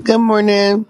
Good morning.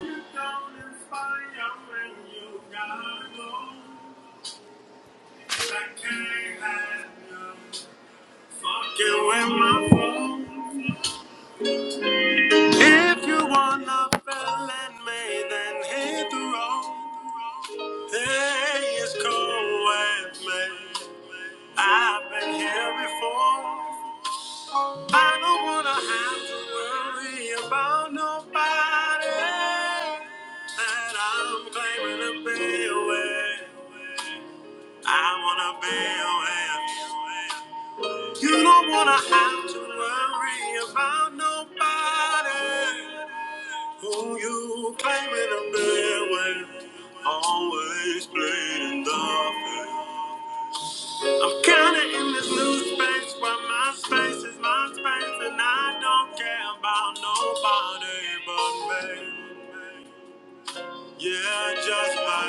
If you wanna fell and made then hit the road. Hey, it's cold and me. I've been here before. I don't wanna have to worry about nobody that I'm claiming to be away. I wanna be away. You don't wanna have to worry about nobody who you claiming to be away. Always playing the field. I'm kinda in this new space where my space is my space and I don't care about nobody but me. Yeah, just me.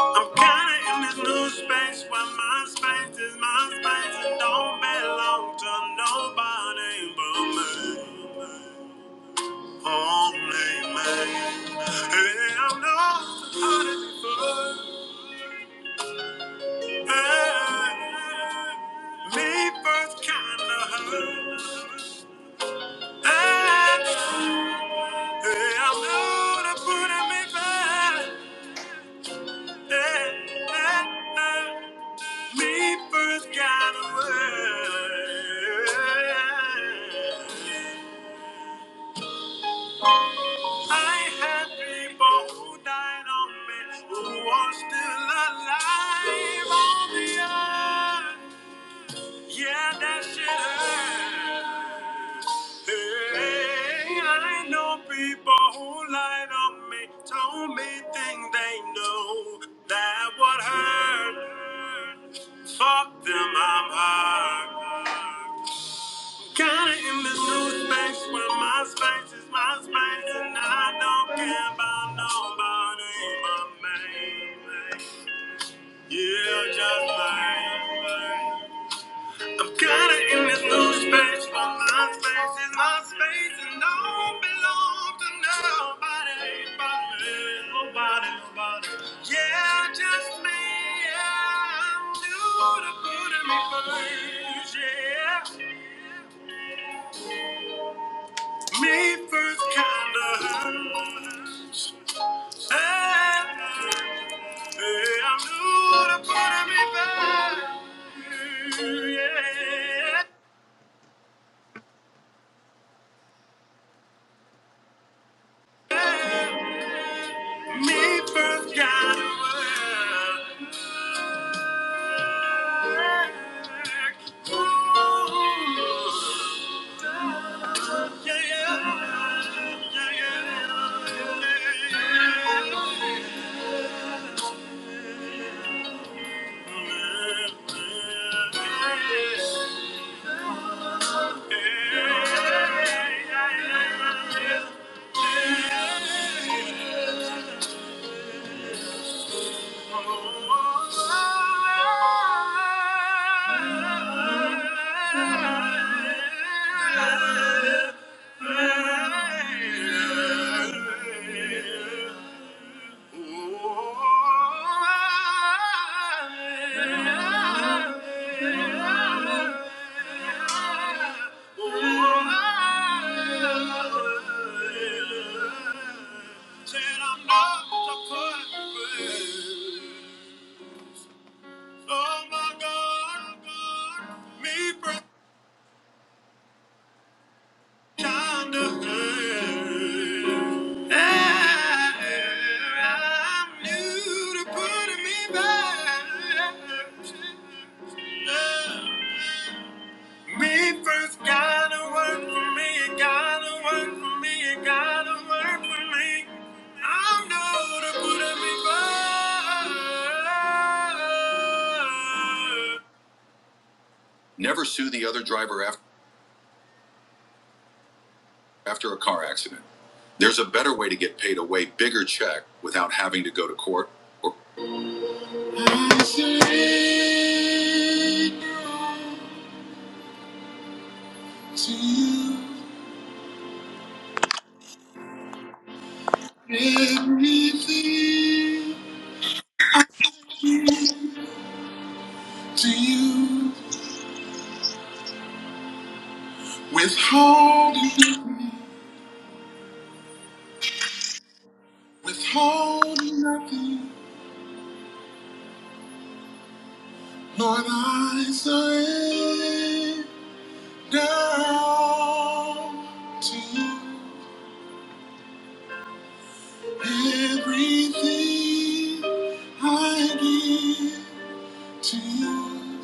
I'm kinda in this new space where my space is my space and don't belong to nobody but me. Only me. And I'm not hiding before. I leave both kind of hurt. I, I'm gonna put him in bed. Leave both kind of hurts. I had people who died on me who are still alive on the earth. Yeah, that shit hurts. Hey, I know people who lied on me, told me things they know that would hurt. Fuck them, I'm hurt. Kinda in this new space where my space is my space, and I don't care about nobody but me. Yeah, just like me. I'm kinda in this new space, but my space is my space, and don't belong to nobody, nobody, nobody, nobody. Yeah, just me and you, the good in me first, yeah. Me first kinda hurts. Hey, hey, I'm new to put in me first, yeah. Me first got to work. Ooh, yeah, yeah, yeah, yeah. yeah. Oh my God, God, me breath. me first gotta work for me, it gotta work for me, it gotta work for me. I'm new to putting me back. Never sue the other driver after. after a car accident. There's a better way to get paid a way bigger check without having to go to court or. I surrender Withholding, nothing, Lord, I surrender to you. Everything I give to you,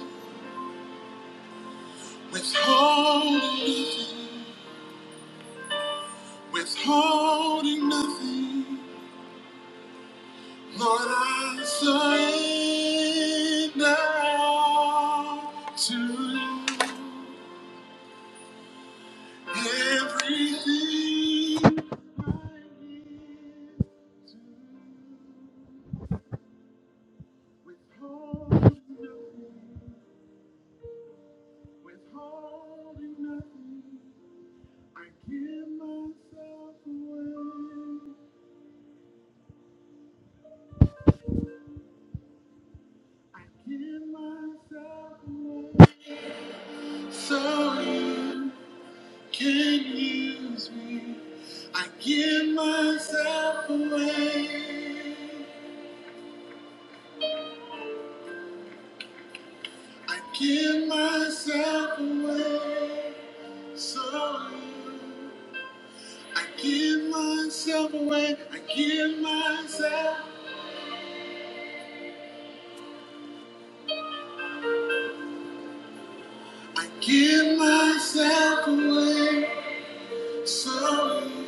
withholding nothing, withholding nothing. Lord, I surrender to you. Everything I give to you, withholding nothing, withholding nothing. I give myself away. I give myself away. So you can use me. I give myself away. I give myself away. So you. I give myself away. I give myself. I give myself away. So you.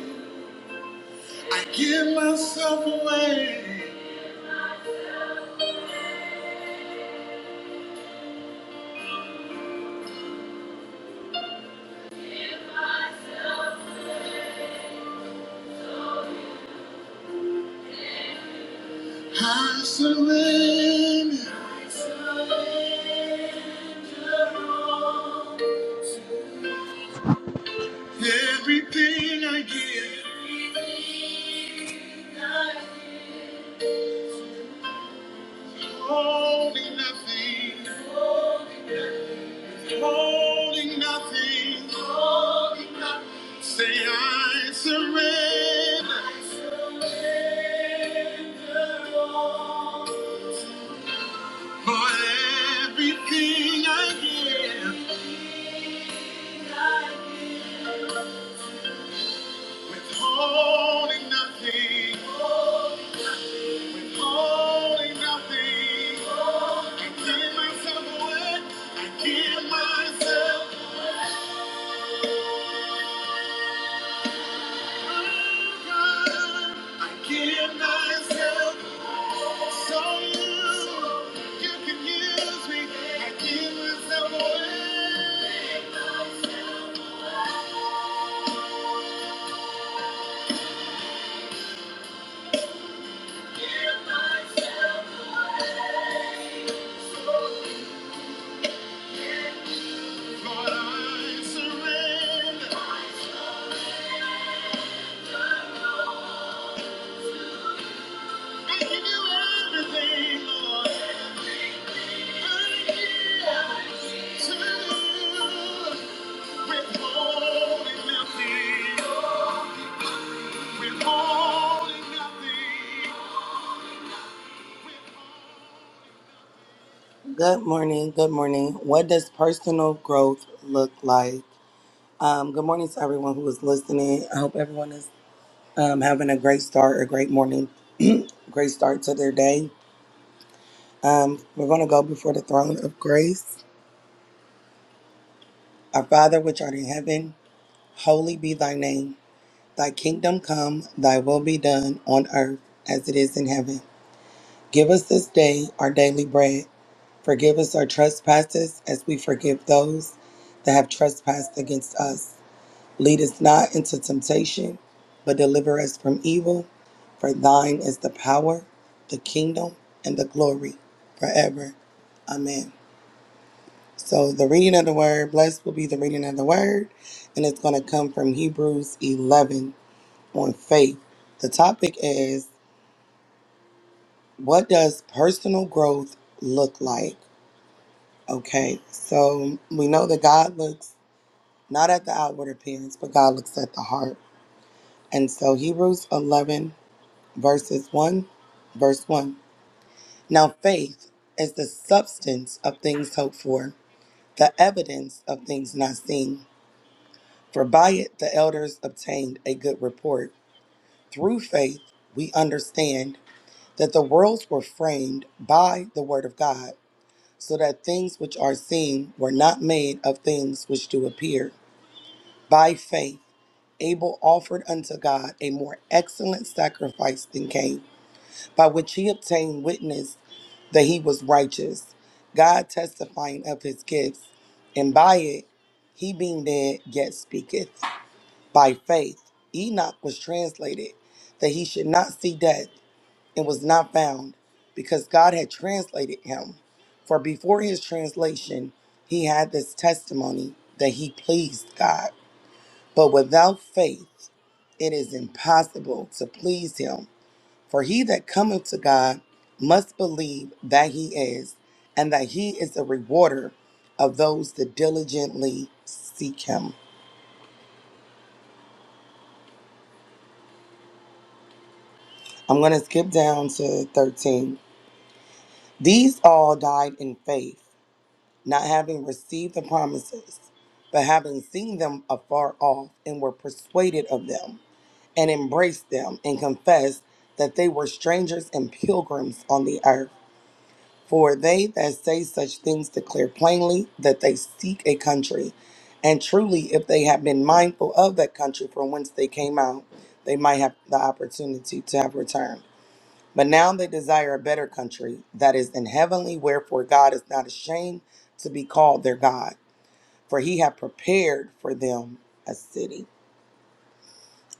I give myself away. I surrender everything I give. Holding nothing, holding nothing. Say I surrender for everything I give. Withholding nothing, holding nothing. I give myself away. I give myself. I give myself so you You can use me. I give myself away. Lord, I surrender. I give you everything, Lord. I give to you. Withholding nothing. Withholding nothing. Good morning. Good morning. What does personal growth look like? Um, good morning to everyone who is listening. I hope everyone is um, having a great start, a great morning, great start to their day. Um, we're going to go before the throne of grace. Our Father, which art in heaven, holy be thy name. Thy kingdom come, thy will be done on earth as it is in heaven. Give us this day our daily bread. Forgive us our trespasses as we forgive those that have trespassed against us Lead us not into temptation, but deliver us from evil. For thine is the power, the kingdom, and the glory forever. Amen. So, the reading of the word, blessed will be the reading of the word, and it's going to come from Hebrews 11 on faith. The topic is what does personal growth look like? Okay, so we know that God looks not at the outward appearance, but God looks at the heart. And so, Hebrews 11 verses 1, verse 1. Now faith is the substance of things hoped for, the evidence of things not seen. For by it the elders obtained a good report. Through faith we understand that the worlds were framed by the word of God, so that things which are seen were not made of things which do appear. By faith Abel offered unto God a more excellent sacrifice than Cain, by which he obtained witness that he was righteous, God testifying of his gifts, and by it he being dead yet speaketh. By faith Enoch was translated that he should not see death and was not found because God had translated him. For before his translation he had this testimony that he pleased God. But without faith it is impossible to please him. For he that cometh to God must believe that he is, and that he is a rewarder of those that diligently seek him. I'm going to skip down to 13. These all died in faith, not having received the promises, but having seen them afar off, and were persuaded of them, and embraced them, and confessed that they were strangers and pilgrims on the earth. For they that say such things declare plainly that they seek a country. And truly, if they had been mindful of that country from whence they came out, they might have the opportunity to have returned. But now they desire a better country that is in heavenly, wherefore God is not ashamed to be called their God, for he hath prepared for them a city.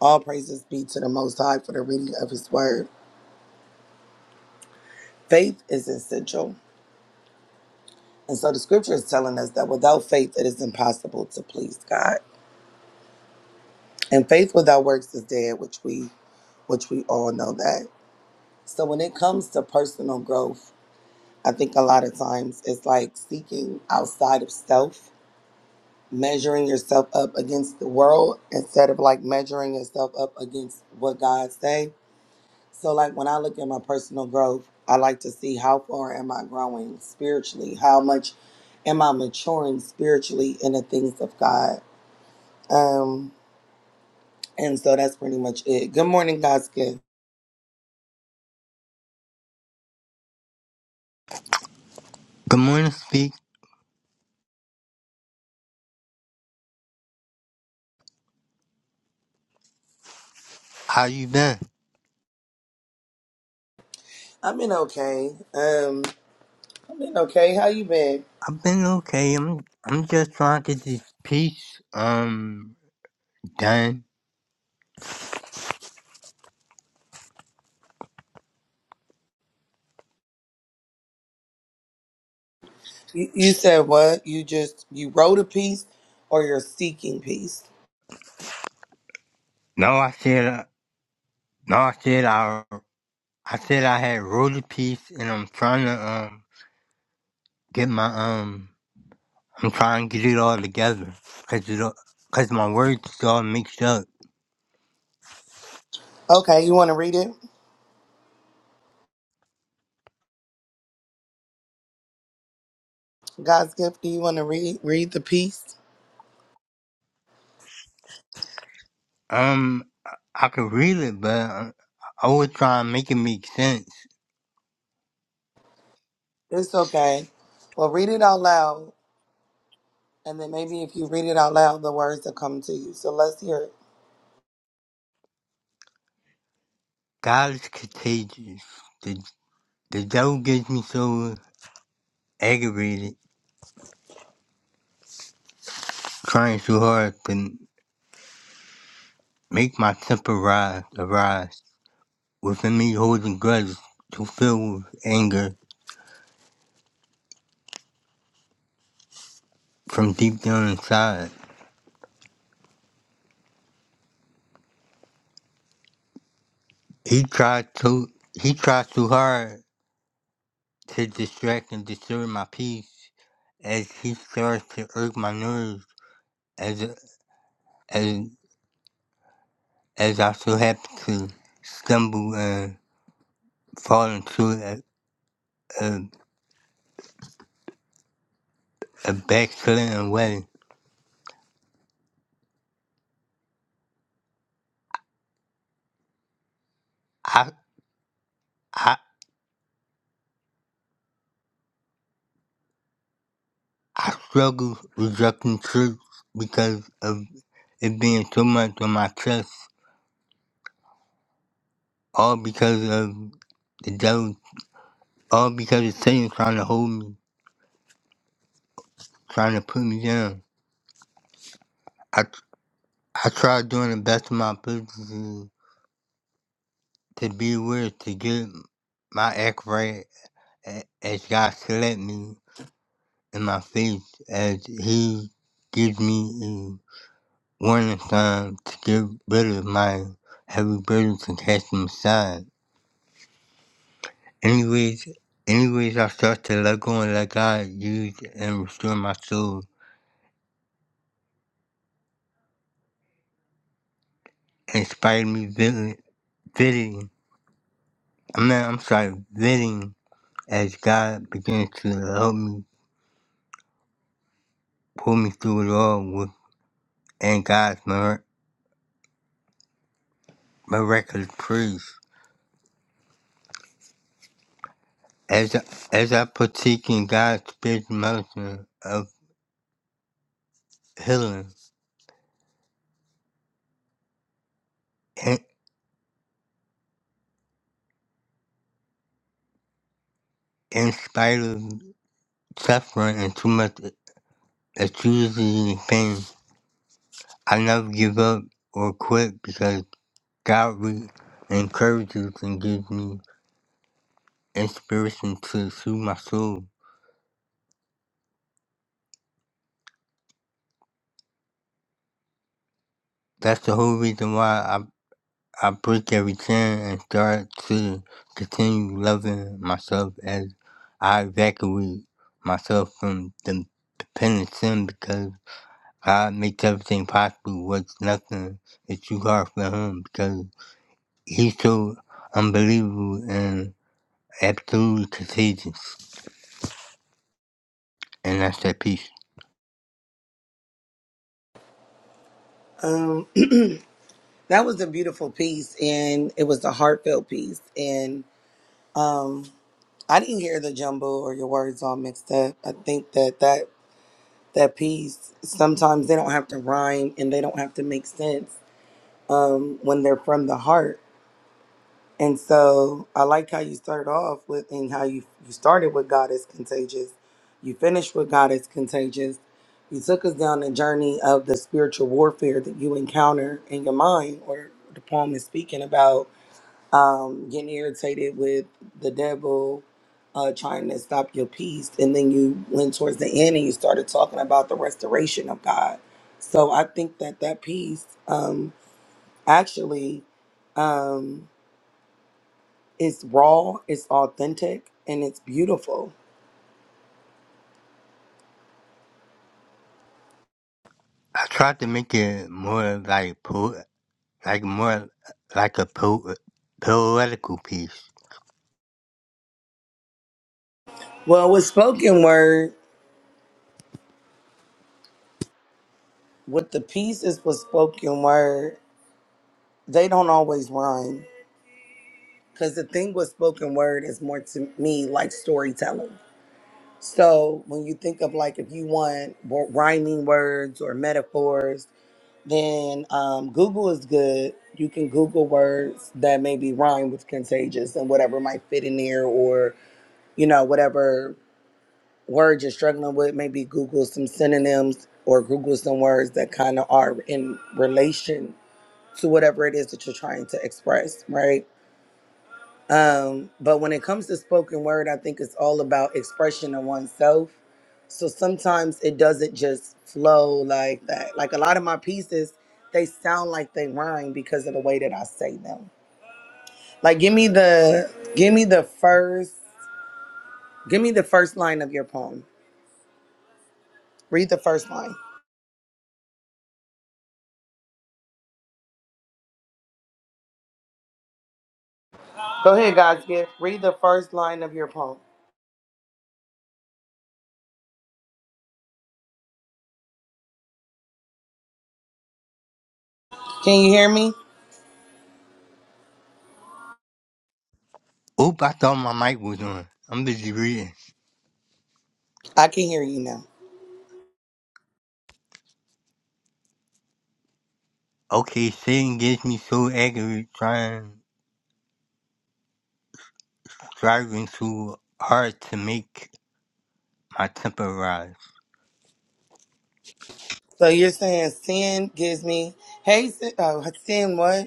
All praises be to the Most High for the reading of his word. Faith is essential. And so the scripture is telling us that without faith it is impossible to please God. And faith without works is dead, which we which we all know that. So when it comes to personal growth, I think a lot of times it's like seeking outside of self, measuring yourself up against the world instead of like measuring yourself up against what God say. So like when I look at my personal growth, I like to see how far am I growing spiritually? How much am I maturing spiritually in the things of God? Um, and so that's pretty much it. Good morning, God's gift. Good morning, Speak. How you been? I've been okay. Um, I've been okay. How you been? I've been okay. I'm I'm just trying to get this piece um done. You, you said what? You just you wrote a piece, or you're seeking peace? No, I said uh, no. I said I I said I had wrote a piece, and I'm trying to um get my um I'm trying to get it all together, cause it all- cause my words is all mixed up. Okay, you want to read it? God's gift. Do you want to read read the piece? Um, I I could read it, but I, I was trying to make it make sense. It's okay. Well, read it out loud, and then maybe if you read it out loud, the words will come to you. So let's hear it. God is contagious. The the devil gets me so aggravated. trying too hard to make my temper rise, arise. Within me holding grudges to fill with anger from deep down inside. He tried to he tried too hard to distract and disturb my peace as he starts to irk my nerves as as as I so happen to stumble and fall into a, a, a backslidden way. I, I I struggle with rejecting truth because of it being too much on my chest, all because of the devil, all because of Satan trying to hold me, trying to put me down. I, I try doing the best of my ability to to be aware, to get my act right a- as God select me in my faith, as He gives me a warning sign to get rid of my heavy burdens and cast them aside. Anyways, anyways, I start to let go and let God use and restore my soul. Inspire me fitting, fitting. I mean, I'm sorry, fitting as God begins to help me pull me through it all with and God's mir- miraculous praise. As I, as I partake in God's spiritual medicine of healing, in, in spite of suffering and too much excruciating pain, I never give up or quit because. God will encourage you and give me inspiration to soothe my soul. That's the whole reason why I I break every chain and start to continue loving myself as I evacuate myself from the dependent sin because God makes everything possible. What's nothing is too hard for Him because He's so unbelievable and absolutely contagious. And that's that peace. Um, that was a beautiful piece, and it was a heartfelt piece, and um, I didn't hear the jumble or your words all mixed up. I think that that that piece sometimes they don't have to rhyme and they don't have to make sense um, when they're from the heart. And so I like how you started off with and how you you started with God is contagious. You finished with God is contagious. You took us down the journey of the spiritual warfare that you encounter in your mind, or the poem is speaking about um, getting irritated with the devil uh, trying to stop your peace. And then you went towards the end and you started talking about the restoration of God. So I think that that piece um, actually um, is raw, it's authentic, and it's beautiful. I tried to make it more like po- like more like a po- poetical piece. Well, with spoken word, with the pieces with spoken word, they don't always rhyme. Because the thing with spoken word is more to me like storytelling So when you think of like if you want wo- rhyming words or metaphors, then um, Google is good. You can Google words that maybe rhyme with contagious and whatever might fit in there, or you know whatever word you're struggling with. Maybe Google some synonyms or Google some words that kind of are in relation to whatever it is that you're trying to express, right? Um, but when it comes to spoken word, I think it's all about expression of oneself. So sometimes it doesn't just flow like that. Like a lot of my pieces, they sound like they rhyme because of the way that I say them. Like give me the give me the first give me the first line of your poem. Read the first line. Go ahead, guys. Get read the first line of your poem. Can you hear me? Oop, I thought my mic was on. I'm busy reading. I can hear you now. Okay, Satan gets me so angry trying striving too hard to make my temper rise. So you're saying sin gives me hey sin, uh, sin what?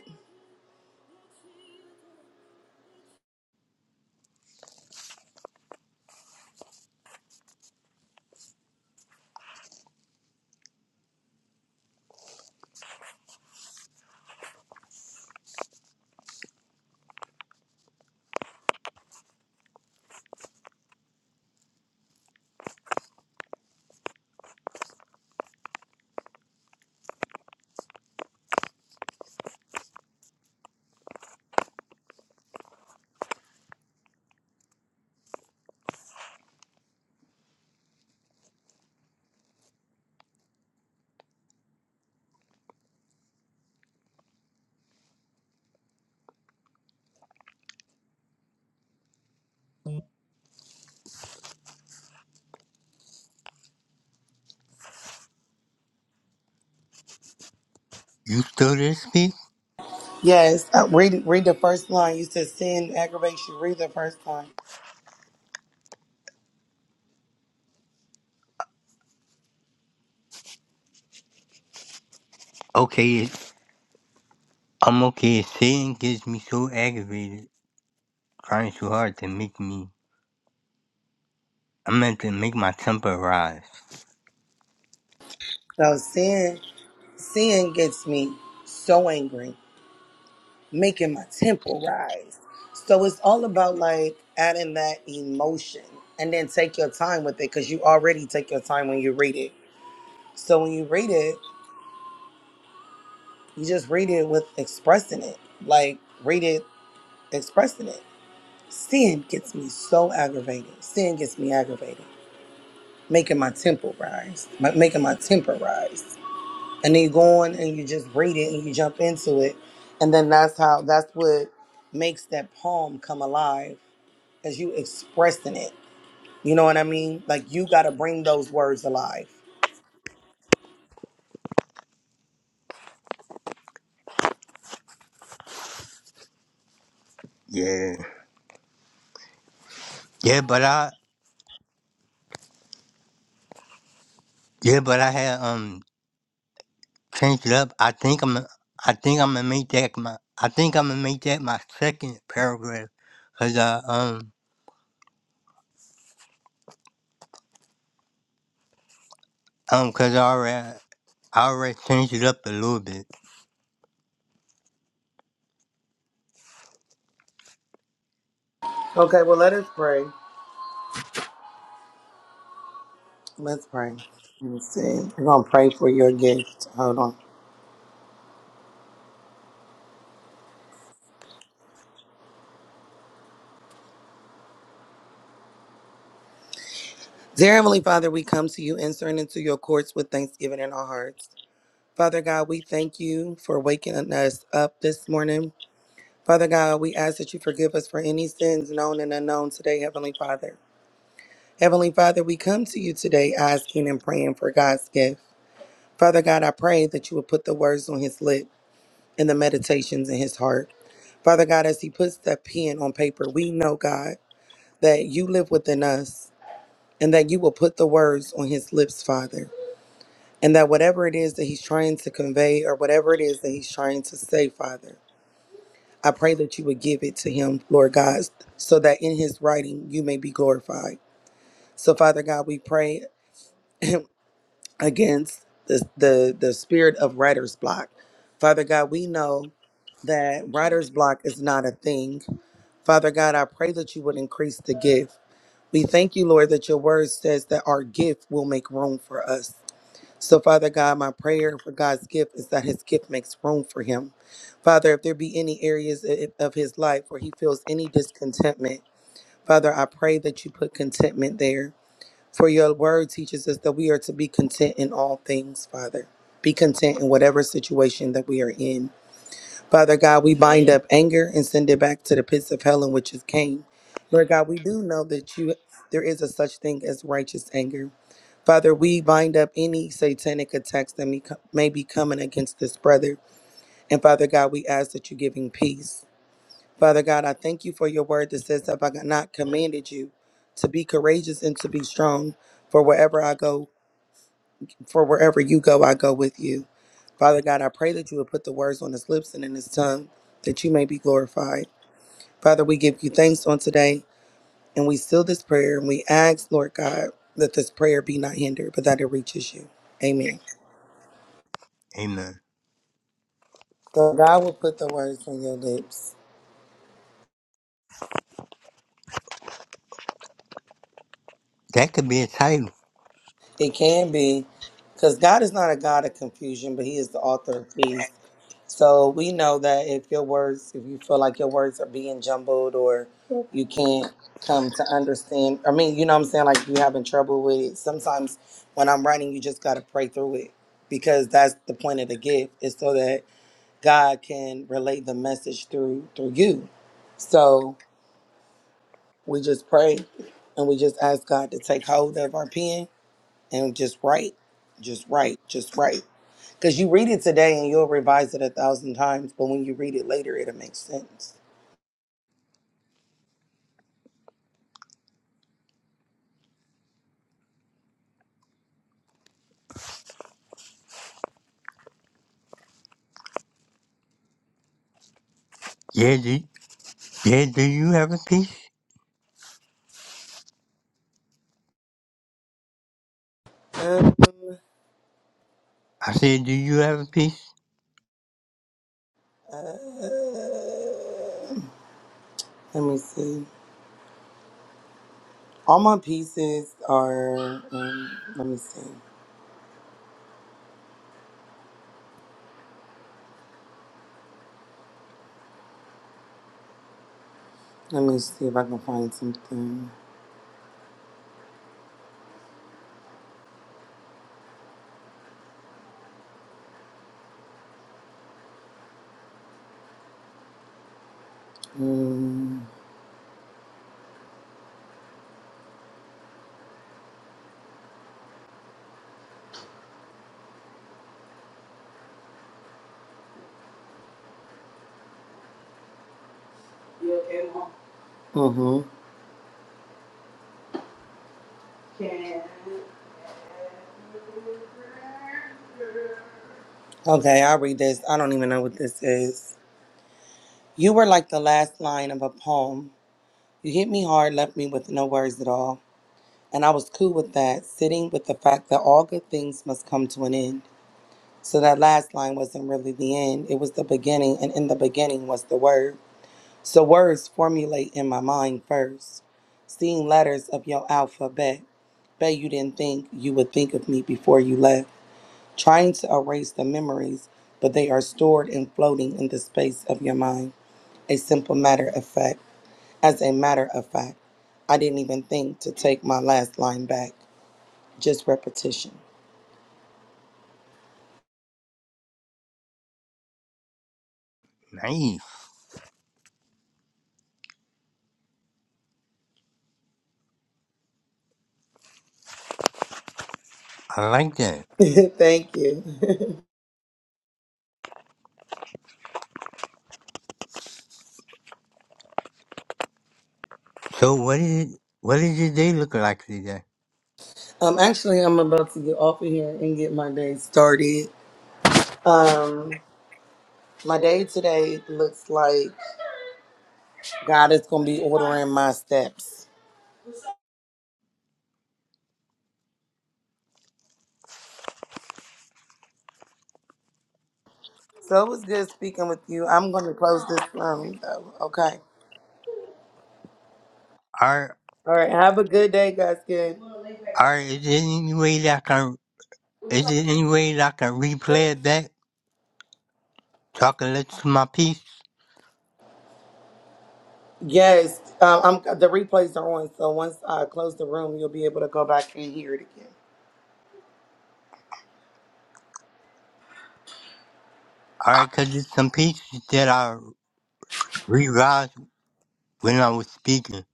You still there speak? Yes, uh, read read the first line. You said sin aggravates you. Read the first line. Okay, I'm okay. Satan gets me so aggravated trying too hard to make me I meant to make my temper rise. So sin sin gets me so angry, making my temple rise. So it's all about like adding that emotion and then take your time with it because you already take your time when you read it. So when you read it, you just read it with expressing it. Like read it expressing it. Sin gets me so aggravated. Sin gets me aggravated. making my tempo rise, my, making my temper rise. And then you go on and you just read it and you jump into it. And then that's how, that's what makes that poem come alive as you expressing it. You know what I mean? Like you got to bring those words alive. Yeah. Yeah, but I yeah, but I had um change it up. I think I'm I think I'm gonna make that my I think I'm gonna make that my second paragraph, cause I um um cause I already I already changed it up a little bit. Okay, well, let us pray. Let's pray. Let me see. We're going to pray for your gift. Hold on. Dear Heavenly Father, we come to you entering into your courts with thanksgiving in our hearts. Father God, we thank you for waking us up this morning. Father God, we ask that you forgive us for any sins known and unknown today, Heavenly Father. Heavenly Father, we come to you today asking and praying for God's gift. Father God, I pray that you would put the words on his lip and the meditations in his heart. Father God, as he puts that pen on paper, we know, God, that you live within us and that you will put the words on his lips, Father. And that whatever it is that he's trying to convey or whatever it is that he's trying to say, Father, I pray that you would give it to him, Lord God, so that in his writing you may be glorified. So, Father God, we pray against the, the, the spirit of writer's block. Father God, we know that writer's block is not a thing. Father God, I pray that you would increase the gift. We thank you, Lord, that your word says that our gift will make room for us. So, Father God, my prayer for God's gift is that his gift makes room for him. Father, if there be any areas i- of his life where he feels any discontentment, Father, I pray that you put contentment there. For your word teaches us that we are to be content in all things, Father. Be content in whatever situation that we are in. Father God, we bind up anger and send it back to the pits of hell in which it came. Lord God, we do know that you there is a such thing as righteous anger. Father, we bind up any satanic attacks that may co- may be coming against this brother. And Father God, we ask that you give him peace. Father God, I thank you for your word that says, Have I not commanded you to be courageous and to be strong? For wherever I go, for wherever you go, I go with you. Father God, I pray that you would put the words on his lips and in his tongue, that you may be glorified. Father, we give you thanks on today, and we seal this prayer, and we ask, Lord God, that this prayer be not hindered, but that it reaches you. Amen. Amen. So God will put the words on your lips. That could be a title. It can be, because God is not a God of confusion, but He is the author of peace. So we know that if your words, if you feel like your words are being jumbled or you can't come to understand, I mean, you know what I'm saying? Like you having trouble with it. Sometimes when I'm writing, you just got to pray through it because that's the point of the gift is so that God can relay the message through through you. So we just pray and we just ask God to take hold of our pen and just write, just write, just write. Because you read it today and you'll revise it a thousand times, but when you read it later, it'll make sense. Yeah, do yeah. Do you have a piece? I said, do you have a piece? Um, uh, let me see. All my pieces are. Um, let me see. Let me see if I can find something. Um, you okay, Mom? Mm-hmm. Can- Okay, I'll read this. I don't even know what this is. You were like the last line of a poem You hit me hard, left me with no words at all. And I was cool with that, sitting with the fact that all good things must come to an end. So that last line wasn't really the end, it was the beginning, and in the beginning was the word. So words formulate in my mind first, seeing letters of your alphabet. Bet you didn't think you would think of me before you left, trying to erase the memories, but they are stored and floating in the space of your mind. A simple matter of fact. As a matter of fact, I didn't even think to take my last line back, just repetition. Nice. I like that. Thank you. So what is it? What is your day looking like today? um, actually, I'm about to get off of here and get my day started. Um, my day today looks like God is going to be ordering my steps. So it was good speaking with you. I'm going to close this room, though. Okay. Are All right. Have a good day, guys. Good. are is there any way that I can is there any way that I can replay it back? So I can listen to my piece? Yes. Um, I'm, the replays are on. So once I close the room, you'll be able to go back and hear it again. All right, because it's some pieces that I realized when I was speaking.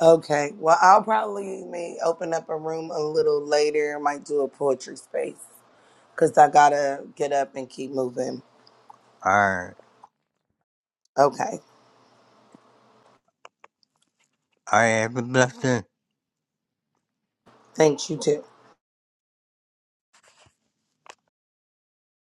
Okay. Well, I'll probably may open up a room a little later. Might do a poetry space because I gotta get up and keep moving. All right. Okay. All right. Have a blessed day. Thanks. You too.